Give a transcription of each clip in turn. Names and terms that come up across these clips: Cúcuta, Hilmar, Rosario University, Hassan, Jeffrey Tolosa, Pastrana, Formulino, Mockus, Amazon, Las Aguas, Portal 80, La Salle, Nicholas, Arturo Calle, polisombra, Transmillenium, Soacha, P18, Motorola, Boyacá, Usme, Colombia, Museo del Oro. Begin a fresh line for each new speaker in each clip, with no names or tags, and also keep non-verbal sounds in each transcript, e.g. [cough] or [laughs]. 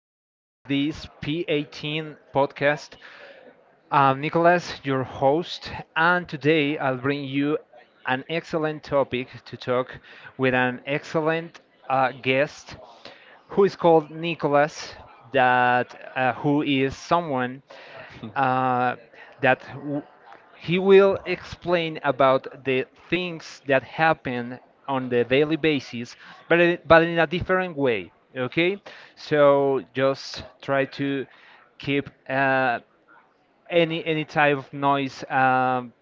Welcome to this P18 podcast. I'm Nicholas, your host, and today I'll bring you an excellent topic to talk with an excellent guest who is called Nicholas, that who is someone uh, that w- he will explain about the things that happen on the daily basis, but in a different way. Okay, so just try to keep. Any type of noise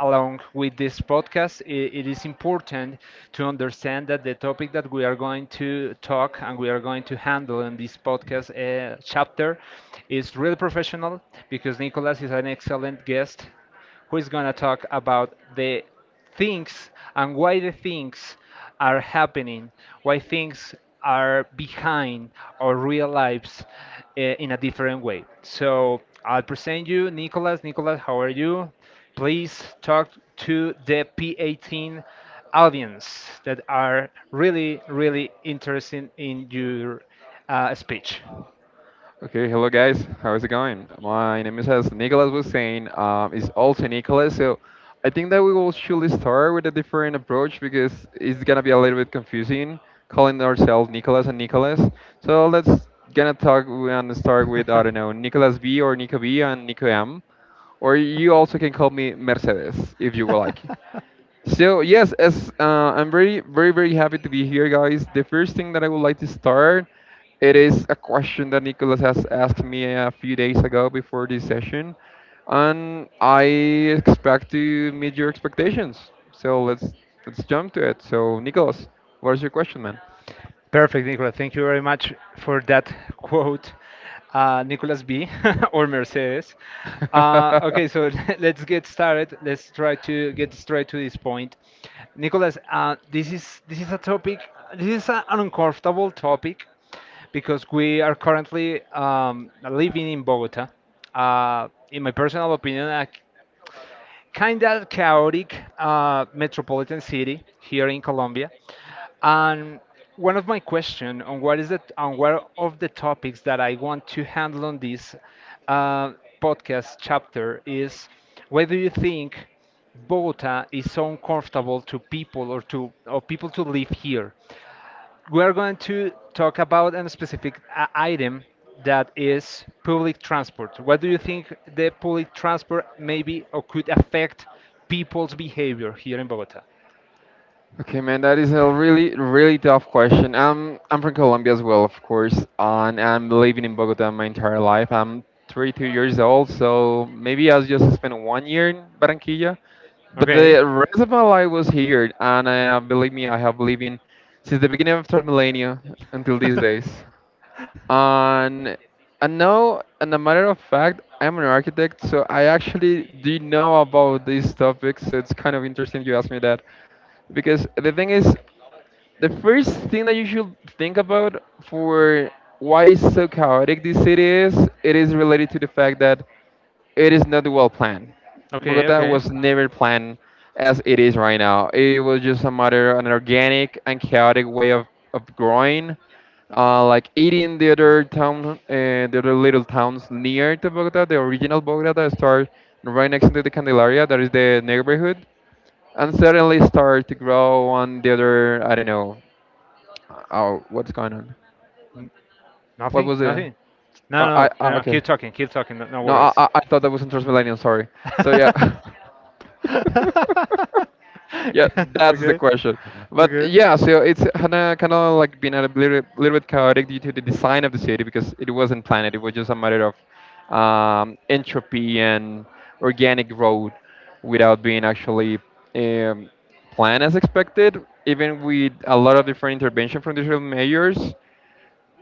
along with this podcast, it is important to understand that the topic that we are going to talk and we are going to handle in this podcast chapter is really professional because Nicolas is an excellent guest who is going to talk about the things and why the things are happening, why things are behind our real lives in a different way. So I'll present you, Nicholas. Nicholas, how are you? Please talk to the P18 audience that are really, really interested in your speech.
Okay, hello guys. How is it going? My name is, as Nicholas was saying, is also Nicholas. So I think that we will surely start with a different approach because it's gonna be a little bit confusing calling ourselves Nicholas and Nicholas. So let's gonna talk and start with I don't know Nicholas B or Nico B and Nico M, or you also can call me Mercedes if you would like. So yes, as I'm very, very, very happy to be here, guys. The first thing that I would like to start, it is a question that Nicholas has asked me a few days ago before this session, and I expect to meet your expectations. So let's jump to it. So Nicholas, what is your question, man?
Perfect, Nicola. Thank you very much for that quote, Nicolas B. [laughs] or Mercedes. Okay, so [laughs] let's get started. Let's try to get straight to this point.
[laughs]
Nicolas, this is a topic. This is an uncomfortable topic because we are currently living in Bogota. In my personal opinion, kind of chaotic metropolitan city here in Colombia. And one of my question on what is it on one of the topics that I want to handle on this uh, podcast chapter is whether you think Bogota is so uncomfortable to people or people to live here. We're going to talk about a specific item that is public transport. What do you think the public transport maybe or could affect people's behavior here in Bogota?
Okay, man, that is a really, really tough question. I'm from Colombia as well, of course, and I'm living in Bogota my entire life. I'm 32 years old, so maybe I just spent 1 year in Barranquilla, but
Okay.
the rest of my life was here, and believe me, I have lived in since the beginning of third millennia until these days.
[laughs]
And and now, and a matter of fact, I'm an architect, so I actually do know about these topics. So it's kind of interesting you asked me that, because the thing is the first thing that you should think about for why is so chaotic this city is it is related to the fact that it is not well planned.
Okay,
Bogota
okay.
was never planned as it is right now. It was just a matter an organic and chaotic way of growing, like eating the other town, the other little towns near to Bogota. The original Bogota that start right next to the Candelaria, that is the neighborhood, and suddenly start to grow on the other, I don't know, oh, what's going on?
N-
What
Nothing?
was the?
Nothing? No, no,
I
no, no, no, keep
okay.
talking. Keep talking. No, no
No, I,
worries.
I I thought that was in Transmillennium. Sorry.
[laughs]
So yeah, [laughs] yeah, that's the question. But yeah, so it's kind of like been a little, little bit chaotic due to the design of the city because it wasn't planned. It was just a matter of entropy and organic growth without being actually um, planned as expected. Even with a lot of different intervention from the different mayors,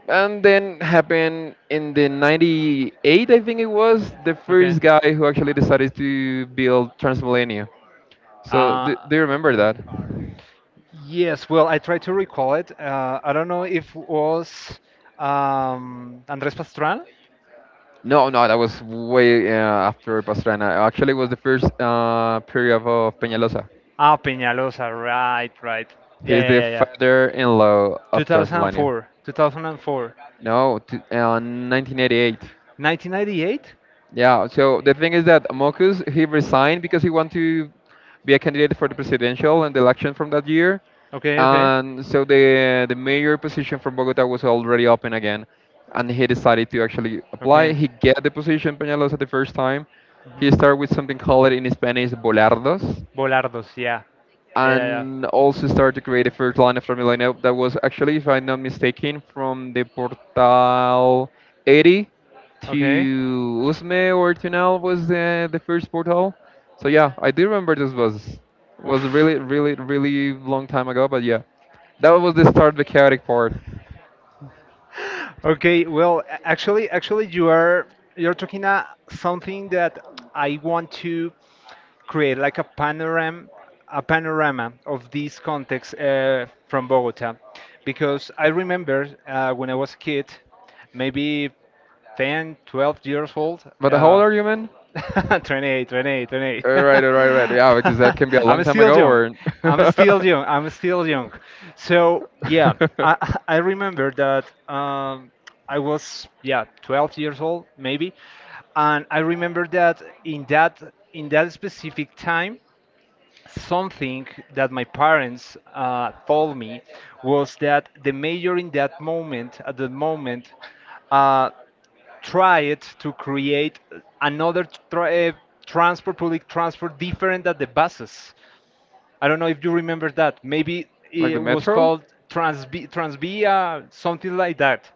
and then happened in the 98, I think it was, the first guy who actually decided to build Transmillennia. So do,
Uh,
do you remember
okay.
that?
Yes, well, I try to recall it. I don't know if was Andrés Pastrana.
No, no, that was way after Pastrana. Actually, it was the first period of Peñalosa.
Ah, Peñalosa, right, right. Yeah,
He's
yeah,
the
yeah, yeah.
father-in-law of Transmillennia.
2004, 2004,
No, t 1988.
1998.
Yeah, so the thing is that Mockus, he resigned because he wanted to be a candidate for the presidential and the election from that year.
Okay, okay.
And so the mayor position from Bogota was already open again, and he decided to actually apply.
Okay.
He get the position Peñalosa the first time. He
Mhm.
started with something called in Spanish bolardos,
Bolardos, yeah. Yeah, yeah,
and
yeah.
also started to create the first line of Formulino that was actually, if I'm not mistaken, from the Portal 80
Okay.
to Usme or Tunel was the first portal. So yeah, I do remember this was
Oof.
really, really, really long time ago, but yeah, that was the start of the chaotic part.
Okay, well, actually, you're talking something that I want to create like a panorama, of this context from Bogota, because I remember when I was a kid, maybe ten, 12 years old.
But how old are you, man?
[laughs] 28, twenty-eight,
[laughs]
28.
All right, all
[laughs]
right, all right. Yeah, because that can be a long
I'm
time
still
ago,
young.
or.
I'm still young. I'm still young. So yeah, I [laughs] I remember
[laughs] [laughs]
that I was, yeah, 12 years old maybe, and I remember that in that specific time something that my parents told me was that the mayor in that moment, at the moment, uh, tried to create another transport, public transport, different than the buses. I don't know if you remember that. Maybe
Like the
it was
metro?
called Transvia, something like that.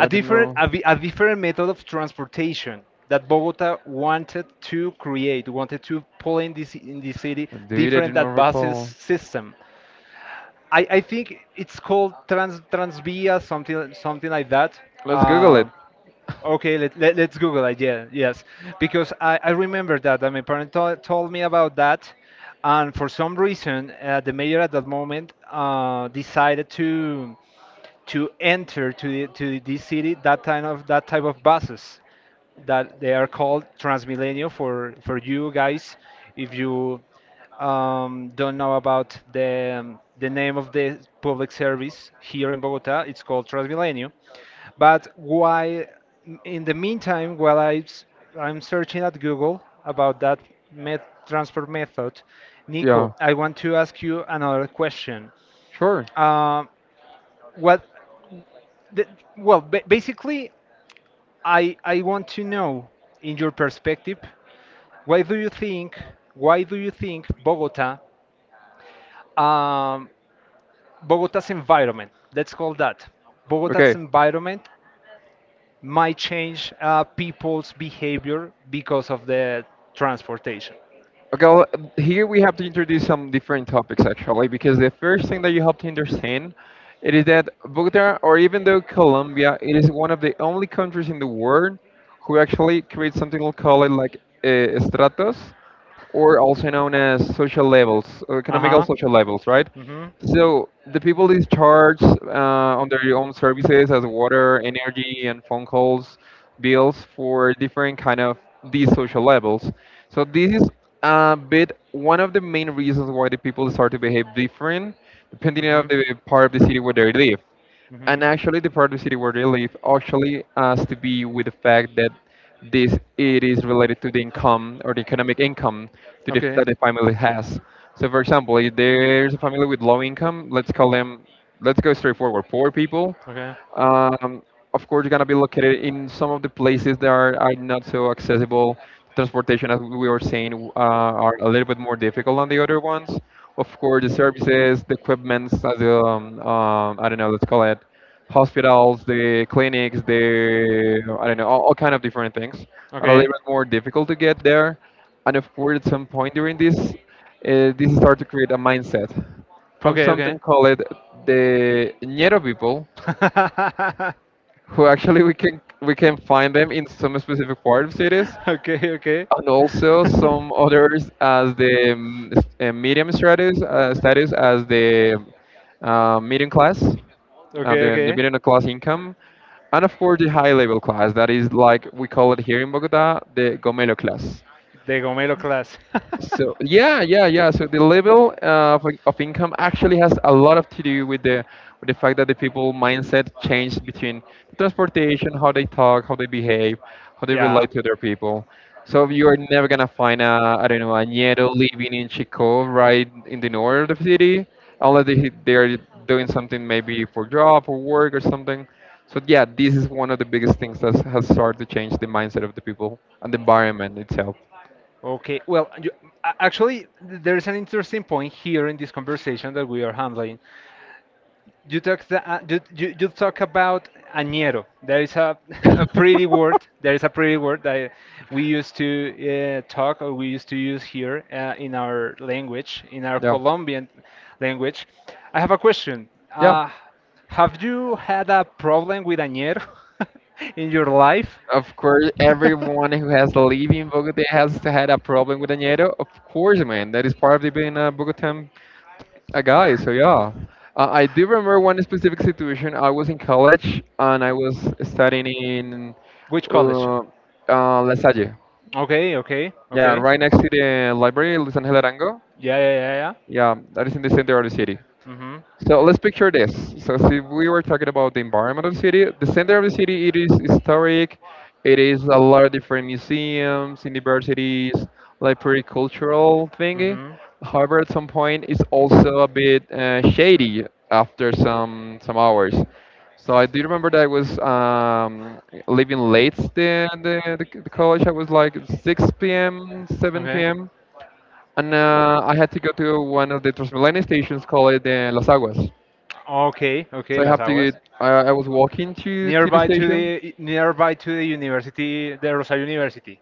a
didn't
different
know.
a, vi- a different method of transportation that Bogota wanted to create, wanted to pull in this in the city
Dude, I
different
didn't
that buses
recall.
system. I think it's called Transvia something like that.
Let's Google it.
Uh, Okay, let's Google it. Yeah, yes, because I remember that and my told me about that, and for some reason the mayor at that moment decided to enter to the city that kind of that type of buses that they are called Transmilenio for you guys if you don't know about the name of the public service here in Bogota. It's called Transmilenio. But why, in the meantime, while I'm searching at Google about that met transfer method,
Yeah,
Nico, I want to ask you another question.
sure.
uh, what the, well, basically, I want to know, in your perspective, why do you think why do you think Bogota, um, Bogota's environment, let's call that, Bogota's
Okay.
environment might change people's behavior because of the transportation.
Okay, well, here we have to introduce some different topics actually, because the first thing that you have to understand it is that Bogota, or even though Colombia, it is one of the only countries in the world who actually creates something we'll call it like, stratos, or also known as social levels, or
Uh
economical
huh.
social levels, right? So the people is charged on their own services as water, energy,
Mm-hmm.
and phone calls, bills for different kind of these social levels. So this is, but one of the main reasons why the people start to behave different, depending on the part of the city where they live. And actually, the part of the city where they live actually has to be with the fact that this it is related to the income or the economic income to the, that the family has. So, for example, if there's a family with low income, let's call them, let's go straightforward, poor people. Um, of course, you're gonna be located in some of the places that are not so accessible. Transportation, as we were saying, are a little bit more difficult than the other ones. Of course, the services, the equipments, as the, I don't know, let's call it hospitals, the clinics, the I don't know, all kind of different things are a little
Okay.
bit more difficult to get there. And of course, at some point during this, this start to create a mindset from
Okay, okay.
something called the Ñero people,
[laughs] Okay,
who actually we can find them in some specific part of cities,
okay.
and
[laughs]
also some others as the medium status status as the medium class, uh,
Okay,
the, the
okay.
middle class income, and of course the high level class that is like we call it here in Bogota the Gomelo class.
The Gomelo class.
So yeah, yeah, yeah. So the level of income actually has a lot of to do with the fact that the people
[laughs]
mindset changed between transportation, how they talk, how they behave, how they relate to other people. So you are never gonna find a, I don't know, a Nieto living in Chico, right in the north of the city, unless they are doing something maybe for job or work or something. So yeah, this is one of the biggest things that has started to change the mindset of the people and the environment itself.
Okay, well,
[laughs] Actually,
actually, there
there is
is an interesting
a
point here in this conversation that we are handling. You talk about
I hear
añero. There
there
is
is
a, [laughs] a
a
pretty
really [laughs] word
word. There is a pretty word that we
you use.
used to talk or we used to use here in our language, in our
Yeah.
Colombian
Language.
language. I have a question.
Yeah.
Uh, have you had a problem with añero [laughs] in your life?
Of course, everyone who has lived in Bogota has had a problem with Añedo. Of course, man. That is part of the being a Bogotan a guy. So yeah, I do remember one specific situation. I was in college and I was
[laughs]
studying in
Which college?
La Salle.
Okay, okay,
Yeah,
okay.
right next to the library, Luis Angel Arango.
Yeah, yeah, yeah, yeah.
Yeah, that is in the center of the city.
Mm-hmm.
So let's picture this. So see, we were talking about the environment of the city. The center of the city, it is historic. It is a lot of different museums, universities, like pretty cultural thingy.
Mm-hmm.
However, at some point, it's also a bit shady after some hours. So I do remember that I was leaving late the college. I was like 6 p.m., 7
Okay.
p.m. And I had to go to one of the Transmilenio stations called the Las Aguas.
Okay, okay,
So I
Las
have to get.
Aguas.
I was walking to the station.
Nearby to the university, the Rosario University.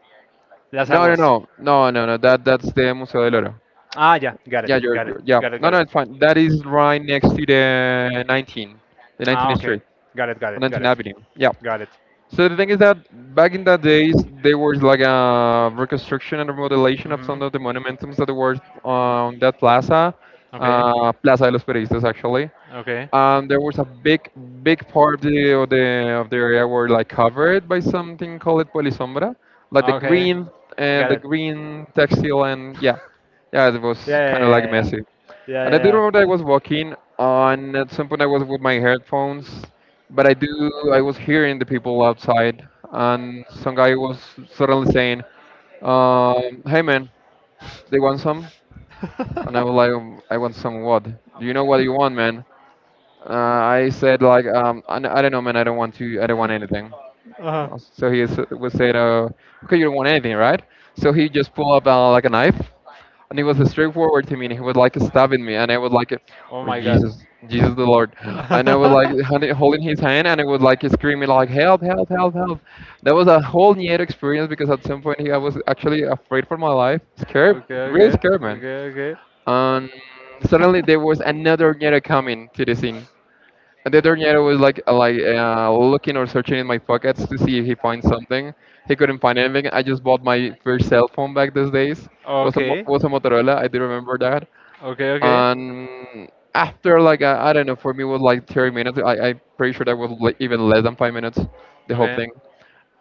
Las
No, no, no,
Aguas.
no, no, no. That that's the Museo del Oro.
Ah, yeah, got
Yeah,
it, got it,
you're yeah.
got it,
No,
got
no,
it.
it's fine. That is right next to the 19, the
Ah,
19th
okay.
Street,
Got it, got
or
it, got
19th
it,
Avenue. Yeah.
got it.
So the thing is that back in that days, there was like a reconstruction and remodelation of some
Mhm.
of the monumentums that were on that plaza,
Okay.
Plaza de los Periodistas, actually,
Okay.
and there was a big big part of the of the area were like covered by something called polisombra, like the
Okay.
green and
Got
the
it.
green textile. And yeah,
[laughs]
yeah, it
Yeah,
was kind of like
yeah, yeah,
messy.
yeah,
And I do remember that
yeah,
I
yeah,
was walking, and at some point I was with my headphones, but I do I was hearing the people outside, and some guy was suddenly saying, "Hey man, they want some?" And I was like, "I want some what? Do you know what you want, man?" I said like, I don't know man, I don't want to, I don't
yeah.
want
[laughs] [laughs]
anything."
Uh-huh.
So he was said, "Okay, you don't want anything, right?" So he just pulled up like a knife, and it was straightforward to me. And he was like stabbing me, and I was like,
Oh
"Oh,
my god.
Jesus, Jesus the Lord," and I was like
[laughs]
holding his hand, and I was like screaming like, "Help, help, help, help." That was a whole new experience because at some point he, I was actually afraid for my life, scared,
Okay,
really
okay,
scared man.
okay, okay.
And suddenly
[laughs]
there was another Nyero coming to the scene. And the other Niero was like looking or searching in my pockets to see if he finds something. He couldn't find anything. I just bought my first cell phone back those days.
Okay.
Was a Motorola. I do remember that.
Okay, okay.
And after I don't know, for me it was like 30 minutes. I'm pretty sure that was even less than 5 minutes. The whole thing.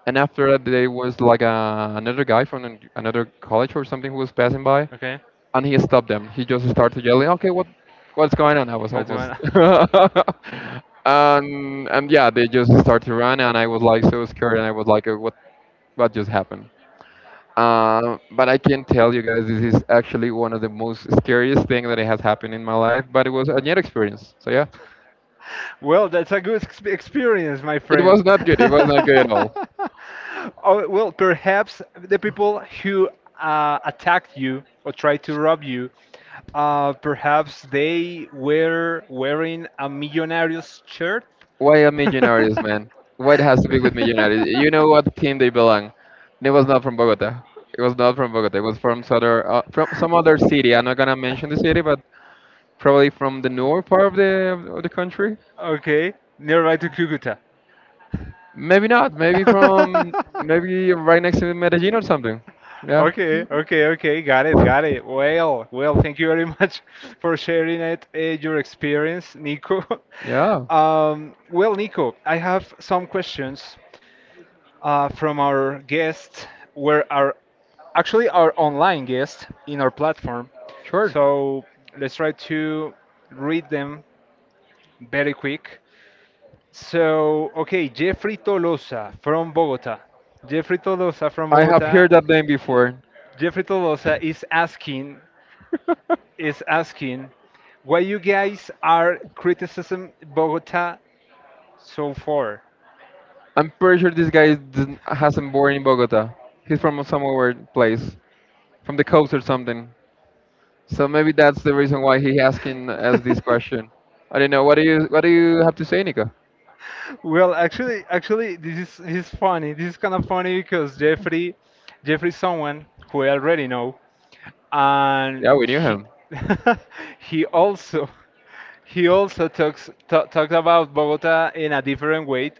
And after that, there was another guy from another college or something who was passing by,
Okay.
and he stopped them. He just started yelling, "Okay, what's going on?" I was
What's going
almost,
on? [laughs]
[laughs] and yeah, they just started running, and I was like so scared, and I was like, what just happened?" But I can tell you guys, this is actually one of the most scariest thing that has happened in my life. But it was a near experience, so yeah,
Well, that's a good experience, my
it
friend.
was not good. It was not good at
[laughs]
all.
Oh, well, perhaps the people who attacked you or tried to rob you, perhaps they were wearing a millionaire's shirt.
Why a Millonarios,
[laughs]
man? Why it has to be with Millonarios? You know what team they belong. It was not from Bogota. It was not from Bogota. It was from other, from some other city. I'm not gonna mention the city, but probably from the north part of the country.
Okay, nearby to Cucuta.
Maybe not.
[laughs]
Maybe right next to Medellin or something. Yeah.
Okay, okay, okay. Got it, got it. Well, well, thank you very much [laughs] for sharing it, your experience, Nico. [laughs]
Yeah.
Well, Nico, I have some questions from our guests, where our actually our online guest in our platform.
Sure.
So let's try to read them very quick. So, okay, Jeffrey Tolosa from Bogota. Jeffrey Tolosa from
I have
Bogota.
heard that name before.
Jeffrey Tolosa
[laughs]
is asking why you guys are criticism Bogota so far.
I'm pretty sure this guy didn't, hasn't born in Bogota. He's from somewhere place, from the coast or something. So maybe that's the reason why he asking us this question.
[laughs]
I don't know. What do you have to say, Nico?
Well, actually, this is funny. This is kind of funny because Jeffrey, is someone who I already know, and
Yeah, we knew
he
him.
[laughs] he also he also talks ta talked about Bogota in a different way,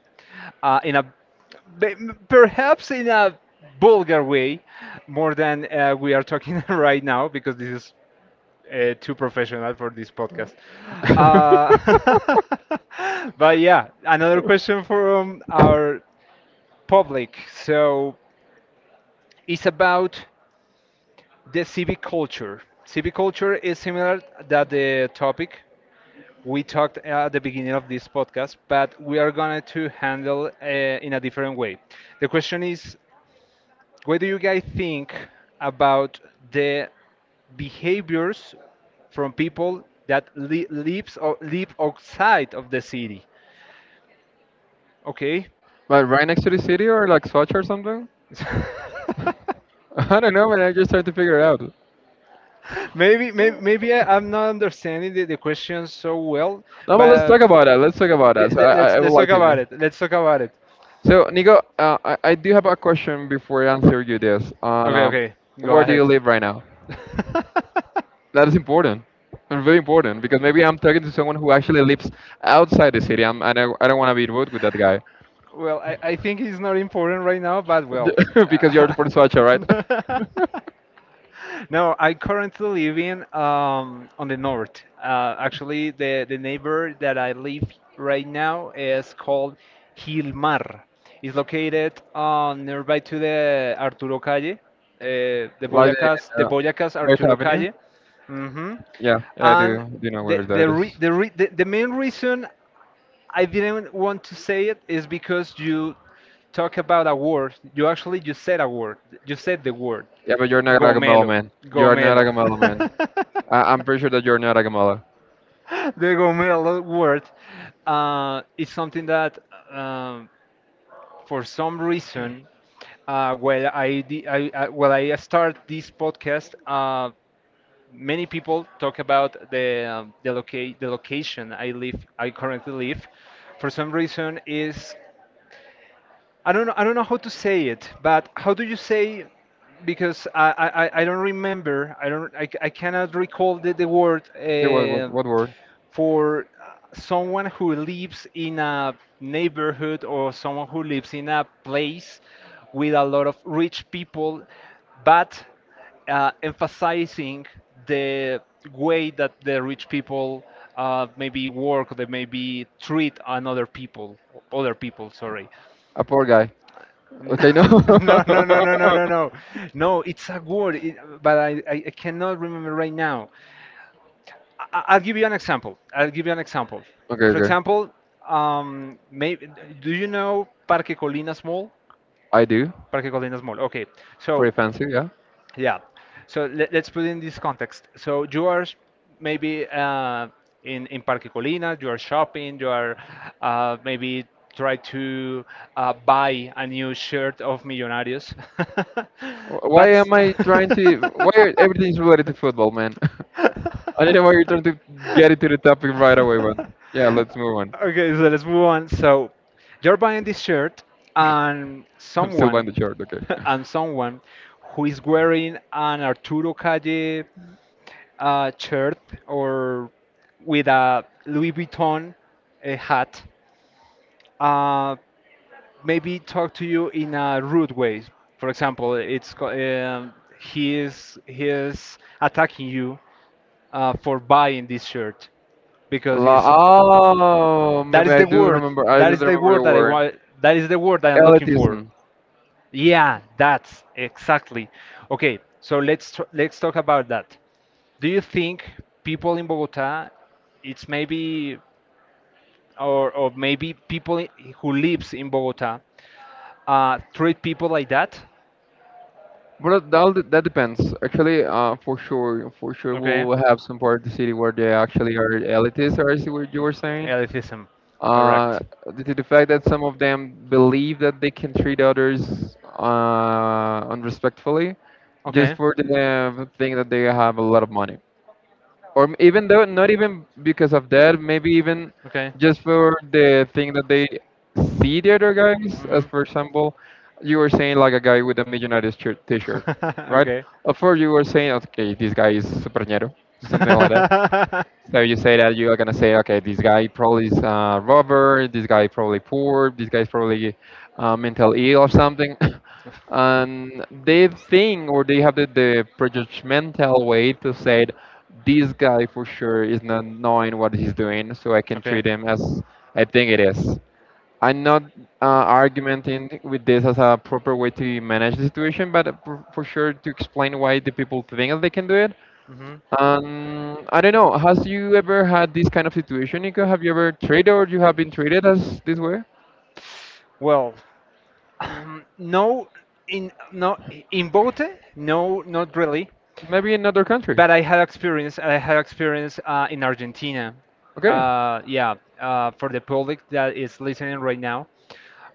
in be- perhaps in a vulgar way, more than we are talking [laughs] right now because this is too professional for this podcast.
[laughs]
Uh, [laughs] but yeah, another question from our public. So it's about the civic culture. Civic culture is similar that the topic we talked at the beginning of this podcast, but we are going to handle in a different way. The question is, what do you guys think about the behaviors from people that lives or live outside of the city? Okay.
But right next to the city or like Swatch or something?
[laughs]
[laughs] I don't know, man. I just tried to figure it out. No,
Maybe I'm not understanding the question so well,
but let's
but
talk about that. Let's talk about
yeah,
that. So I, I I would
let's
like
talk
to know.
about it. Let's talk about it.
So Nico, I do have a question before I answer you this.
Okay, okay, go
Where do you
ahead.
live right now?
[laughs]
That is important. And very important because maybe I'm talking to someone who actually lives outside the city. And I don't want to be rude with that guy.
Well, I think it's not important right now, but
D-
well.
[laughs] because you're from Soacha, right?
uh, [laughs]
[laughs]
No, I currently live in on the north. Actually, the neighbor that I live right now is called Hilmar. It's located nearby to the Arturo Calle, uh,
Like the
The
uh,
Boyacás
North
Arturo
Avenue?
Calle. Hmm.
Yeah, yeah, I
And
do. Do know where
the,
that
re
is?
the, re the main reason I didn't want to say it is because you talk about a word. You said a word. You said the word.
Yeah, but you're not a Gamello
Gomelo.
man. You are not a
Gomelo.
Gamello man.
[laughs]
I'm pretty sure that you're not a Gamello.
The gomelo word is something that, um, for some reason, well, I, di- I well I start this podcast. Many people talk about the location I live, I currently live. For some reason, is I don't know how to say it, but how do you say? Because I don't remember. I don't. I cannot recall the word.
Yeah, what word?
For someone who lives in a neighborhood or someone who lives in a place with a lot of rich people, but emphasizing the way that the rich people maybe work, they maybe treat another people, other people, sorry.
A poor guy.
N-
Okay, no.
[laughs] No, no,
[laughs]
no, no, no, no, no. No, it's a word, it, but I cannot remember right now. I will give you an example. I'll give you an example.
Okay,
For
okay.
example, maybe, do you know Parque Colinas Mall?
I do.
Parque Colinas Mall. Okay, so.
Pretty fancy, yeah.
Yeah. So let's put in this context. So you are maybe in Parque Colina, you are shopping, you are maybe try to buy a new shirt of Millonarios. [laughs]
Why
But
am I trying to? Why are
[laughs]
everything's related to football, man? [laughs] I don't know why you're trying to
[laughs]
get into the topic right away, but yeah, let's move on.
okay, so let's move on. So you're buying this shirt, and
[laughs] I'm still buying
someone,
the shirt, okay?
[laughs] and someone who is wearing an Arturo Calle shirt or with a Louis Vuitton hat. Uh, maybe talk to you in a rude way. For example, he is attacking you for buying this shirt because
La
he's
oh,
that
maybe
is
I
the
do
word
remember. I
that
do
is the
remember
word
the
that I
word
want, that is the word that I'm looking
elitism.
for. Yeah, that's exactly. Okay, so let's talk about that. Do you think people in Bogota it's maybe or maybe who lives in Bogota treat people like that.
Well, that depends. Actually, for sure,
Okay,
we'll have some part of the city where they actually are elitists, or is what you were saying.
elitism, correct.
Uh, Due to the fact that some of them believe that they can treat others unrespectfully, just
Okay.
for the thing that they have a lot of money or even though not even because of that maybe even
Okay.
just for the thing that they see the other guys
Mhm.
as for example you were saying like a guy with a millionaire's shirt t-shirt right of course you were saying okay this guy is supernero, something like that so
[laughs]
you say that you are gonna say, okay, this guy probably is a robber, this guy probably poor, this guy's probably mental ill or something, [laughs] and they think or they have the prejudgmental way to say it, this guy for sure is not knowing what he's doing, so I can
Okay. [laughs] Okay.
treat him as I think it is. I'm not argumenting with this as a proper way to manage the situation, but for sure to explain why the people think that they can do it
Hmm.
I don't know. Has you ever had this kind of situation, Nico? Have you ever traded or you have been traded as this way?
Well, [clears throat] no, in no in both, no, not really.
Maybe in another country.
But I had experience. I had experience in Argentina.
Okay.
Yeah, for the public that is listening right now,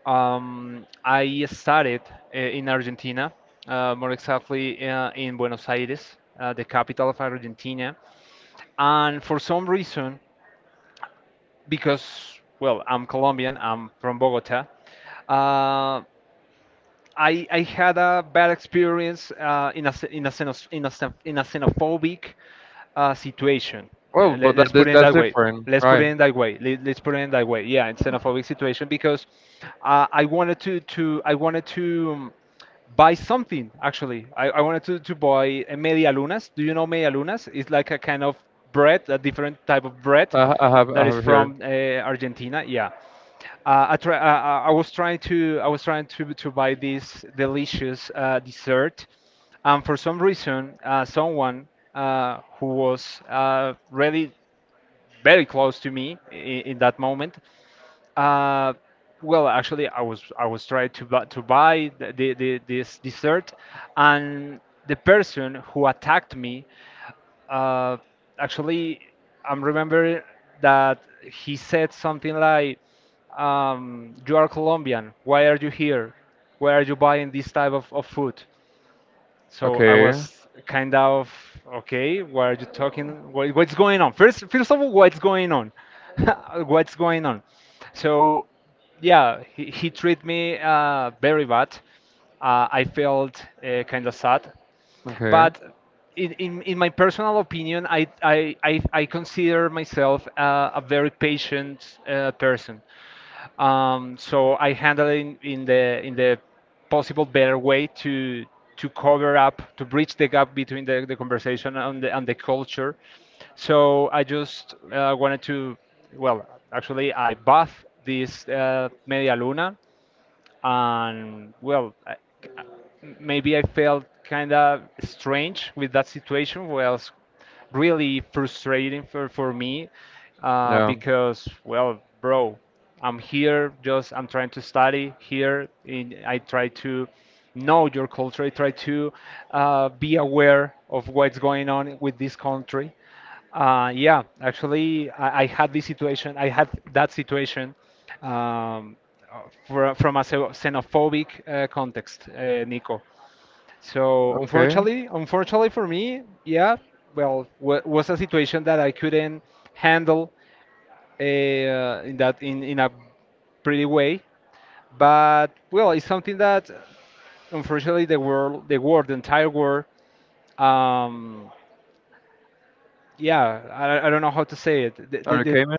I studied in Argentina, more exactly in Buenos Aires, the capital of Argentina. And for some reason, because, well, I'm Colombian, I'm from Bogota, uh, I had a bad experience in, a, xen- in, a, xenos- in, a, xen- in a xenophobic situation.
Well,
Uh,
but
let,
that,
us put it in
that's
that way.
different,
Let's put it
right?
in that way. Let's put it in that way. Yeah, in xenophobic situation because I wanted to buy something I wanted to buy a media lunas. Do you know media lunas? It's like a kind of bread, a different type of bread
I
that is
have heard.
from argentina. Yeah, uh, I, try, uh, I was trying to buy this delicious dessert, and for some reason, someone who was really very close to me in that moment. Uh, well, actually, I was trying to buy the this dessert, and the person who attacked me, uh, actually, I'm remember that he said something like, "You are Colombian. Why are you here? Why are you buying this type of food?" So I
Okay.
was kind of okay. What are you talking? What's going on? First of all, what's going on? [laughs] What's going on? So, yeah, he treated me very bad. I felt kind of sad,
Okay.
but in my personal opinion, I consider myself a very patient person. So I handle it in the possible better way to cover up, to bridge the gap between the conversation and the culture. So I just wanted to, well, actually I bought this media luna. And well, maybe I felt kind of strange with that situation. Was really frustrating for me
Yeah.
because, well, bro, I'm here, just I'm trying to study here, I try to know your culture, I try to be aware of what's going on with this country. Yeah, actually, I had this situation. I had that situation, um, for, from a xenophobic context, Nico. So
Okay.
unfortunately, unfortunately for me, yeah, well, w was a situation that I couldn't handle in a pretty way. But well, it's something that unfortunately the world, the entire world. Um, yeah, I don't know how to say it.
Are you okay, man?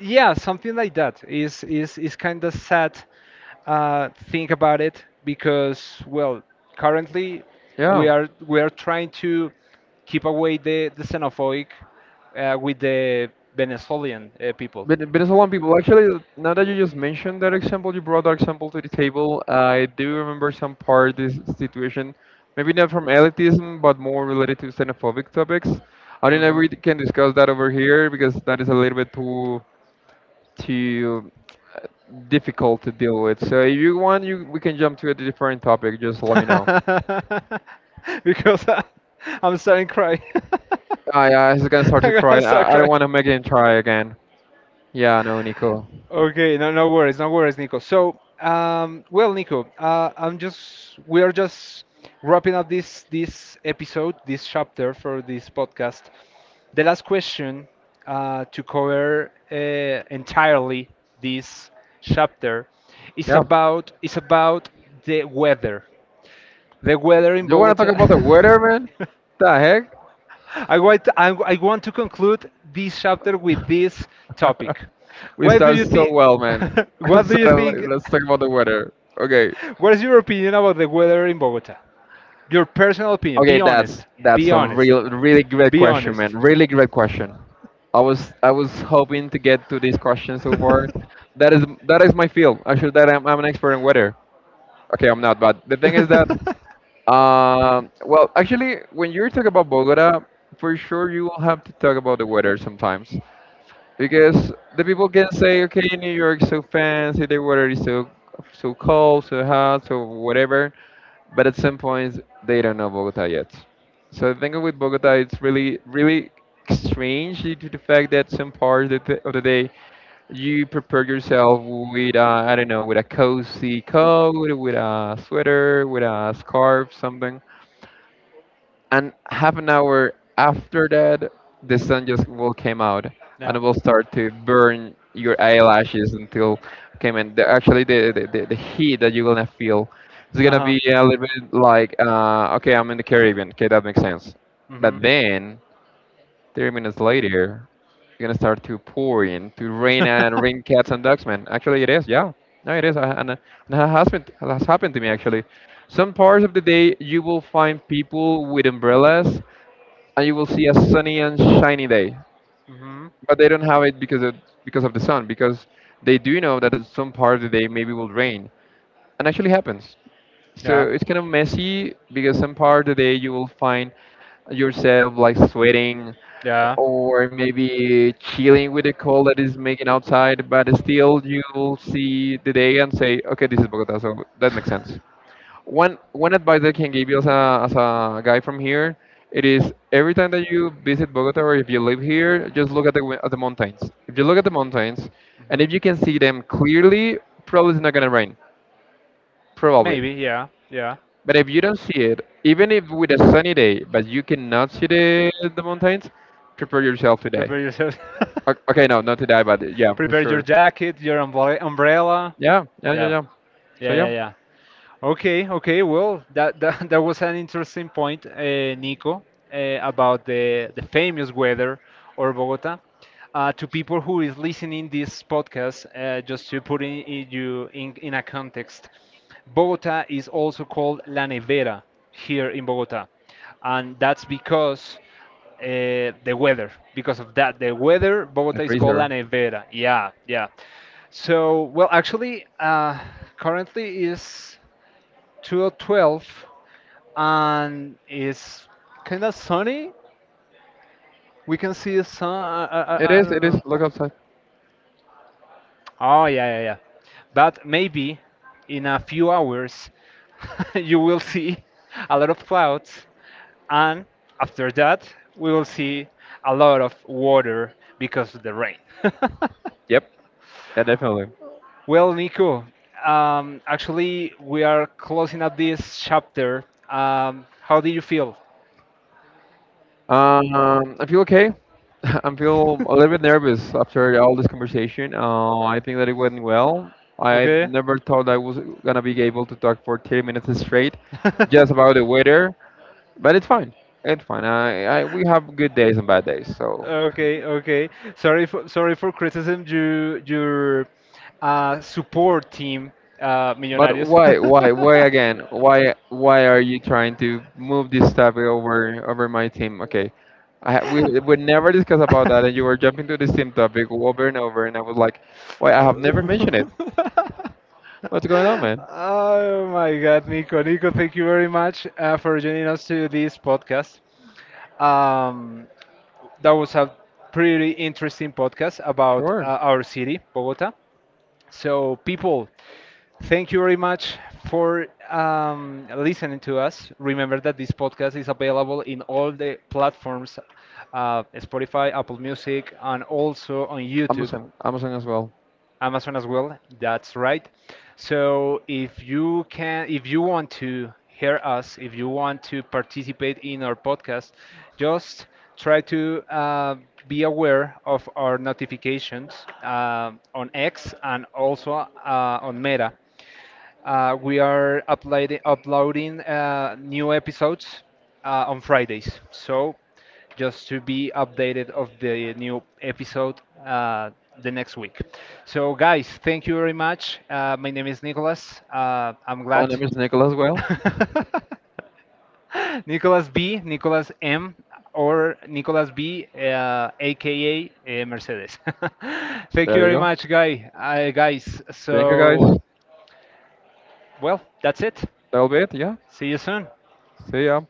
Yeah, something like that is kind of sad think about it, because, well, currently
Yeah.
we are trying to keep away the xenophobic with the Venezuelan people.
But it's a lot of people. Actually, now that you just mentioned that example, you brought that example to the table. I do remember some part of this situation, maybe not from elitism, but more related to xenophobic topics. I don't know if
Hmm.
we can discuss that over here because that is a little bit too too uh, difficult to deal with. So if you want, you we can jump to a different topic. Just
[laughs]
let me know.
Because I'm starting to cry. [laughs]
Ah, yeah, he's gonna start to
I'm
cry.
gonna start
I don't
crying.
want to make him try again. Yeah, no, Nico.
Okay, no, no worries, no worries, Nico. So, well, Nico, I'm just we are just wrapping up this episode, this chapter for this podcast. The last question to cover entirely this chapter
Yeah.
is about the weather. The weather
Do
in
you want to talk
Bogota.
about the weather, man? The heck?
[laughs] I want, I want to conclude this chapter with this
[laughs]
topic.
We
What do
start
you
so
think?
well, man.
[laughs]
[laughs]
What do you
Suddenly,
think?
let's talk about the weather. Okay.
What is your opinion about the weather in Bogota? Your personal opinion.
Okay,
Be
that's
honest.
that's
Be
a
honest.
real, really great
Be
question,
honest.
man. Really great question. I was hoping to get
[laughs]
to this question so far. That is my field. Actually, that I'm an expert in weather. Okay, I'm not, but the thing is that, well, actually, when you talk about Bogota, for sure you will have to talk about the weather sometimes. Because the people can say, okay, New York's so fancy, the weather is so cold, so hot, so whatever, but at some point they don't know Bogota yet. So the thing with Bogota, it's
[laughs]
really strange due to the fact that some parts of of the day you prepare yourself with I don't know with a cozy coat, with a sweater, with a scarf, something and half an hour after that the sun just will came out and
Yeah.
it will start to burn your eyelashes until came in actually the heat that you're gonna feel is gonna be a little bit like okay, I'm in the Caribbean, okay, that makes sense but then 30 minutes later it's gonna start to pour in to rain and rain
[laughs]
cats and ducks man actually it is yeah no it is and it has, been, it has happened to me actually some parts of the day you will find people with umbrellas and you will see a sunny and shiny day.
Mm.
But they don't have it because of the sun, because they do know that at some part of the day maybe will rain, and actually happens. So
Yeah.
it's kind of messy because some part of the day you will find yourself like sweating
Yeah.
or maybe chilling with the cold that is making outside, but still you will see the day and say, okay, this is Bogota, so that makes
[laughs]
sense. One advice I can give you as a guy from here, it is every time that you visit Bogota or if you live here, just look at the mountains. If you look at the mountains, and
Mhm.
if you can see them clearly, probably it's not gonna rain, probably.
Maybe, yeah, yeah.
But if you don't see it, even if with a sunny day, but you cannot see the mountains, prepare yourself to today.
Prepare yourself. [laughs]
Okay, no, not to die, but yeah, for
Prepare your
sure.
jacket, your umbrella. Umbrella.
Yeah, yeah, yeah,
Yeah.
yeah. So
Yeah, yeah,
yeah.
yeah. Okay, okay. Well, [laughs] that was an interesting point, Nico, about the famous weather or Bogota. To people who is listening this podcast, just to put in a context, Bogota is also called La Nevera here in Bogota, and that's because the weather. Because of that, the weather,
A
Bogota is called La
freezer.
Nevera. Yeah, yeah. So, well, actually, currently is to 12, and it's kind of sunny. We can see the sun.
It
I
is.
don't
It
know.
is. Look outside.
Oh, yeah, yeah, yeah. But maybe in a few hours [laughs] you will see a lot of clouds, and after that, we will see a lot of water because of the rain. [laughs]
Yep. Yeah, definitely.
Well, Nico, actually, we are closing up this chapter. How do you feel?
I feel okay. [laughs] I feel a little bit nervous
[laughs]
after all this conversation. I think that it went well. I
Okay.
never thought I was gonna be able to talk for 30 minutes straight, just
[laughs]
about the weather, but it's fine. It's fine. I We have good days and bad days. So,
Okay, okay. Sorry for sorry for criticism. You your support team,
but
Millonarios.
why again? Why are you trying to move this topic over my team? Okay, we would never discuss about that, and you were
[laughs] [laughs]
jumping to this team topic over and over, and I was like, why? I have never mentioned it.
[laughs]
What's going on, man?
Oh my God, Nico. Nico, thank you very much for joining us to this podcast. Um, that was a pretty interesting podcast about
Sure.
our city, Bogota. So, people, thank you very much for listening to us. Remember that this podcast is available in all the platforms Spotify, Apple Music, and also on YouTube.
Amazon, Amazon as well.
Amazon as well. That's right. So if you can, if you want to hear us, if you want to participate in our podcast, just try to be aware of our notifications on X and also on Meta. We are uploading new episodes on Fridays. So just to be updated of the new episode the next week. So guys, thank you very much. My name is Nicholas. I'm
My
glad.
name
[laughs]
is Nicholas. Well, thank.
Nicholas B, Nicholas M, or Nicholas B, aka Mercedes. [laughs] Thank you very much, guy. Guys,
Thank. So, you
so
guys.
well, that's it.
That'll be it. Yeah.
See you soon.
See ya.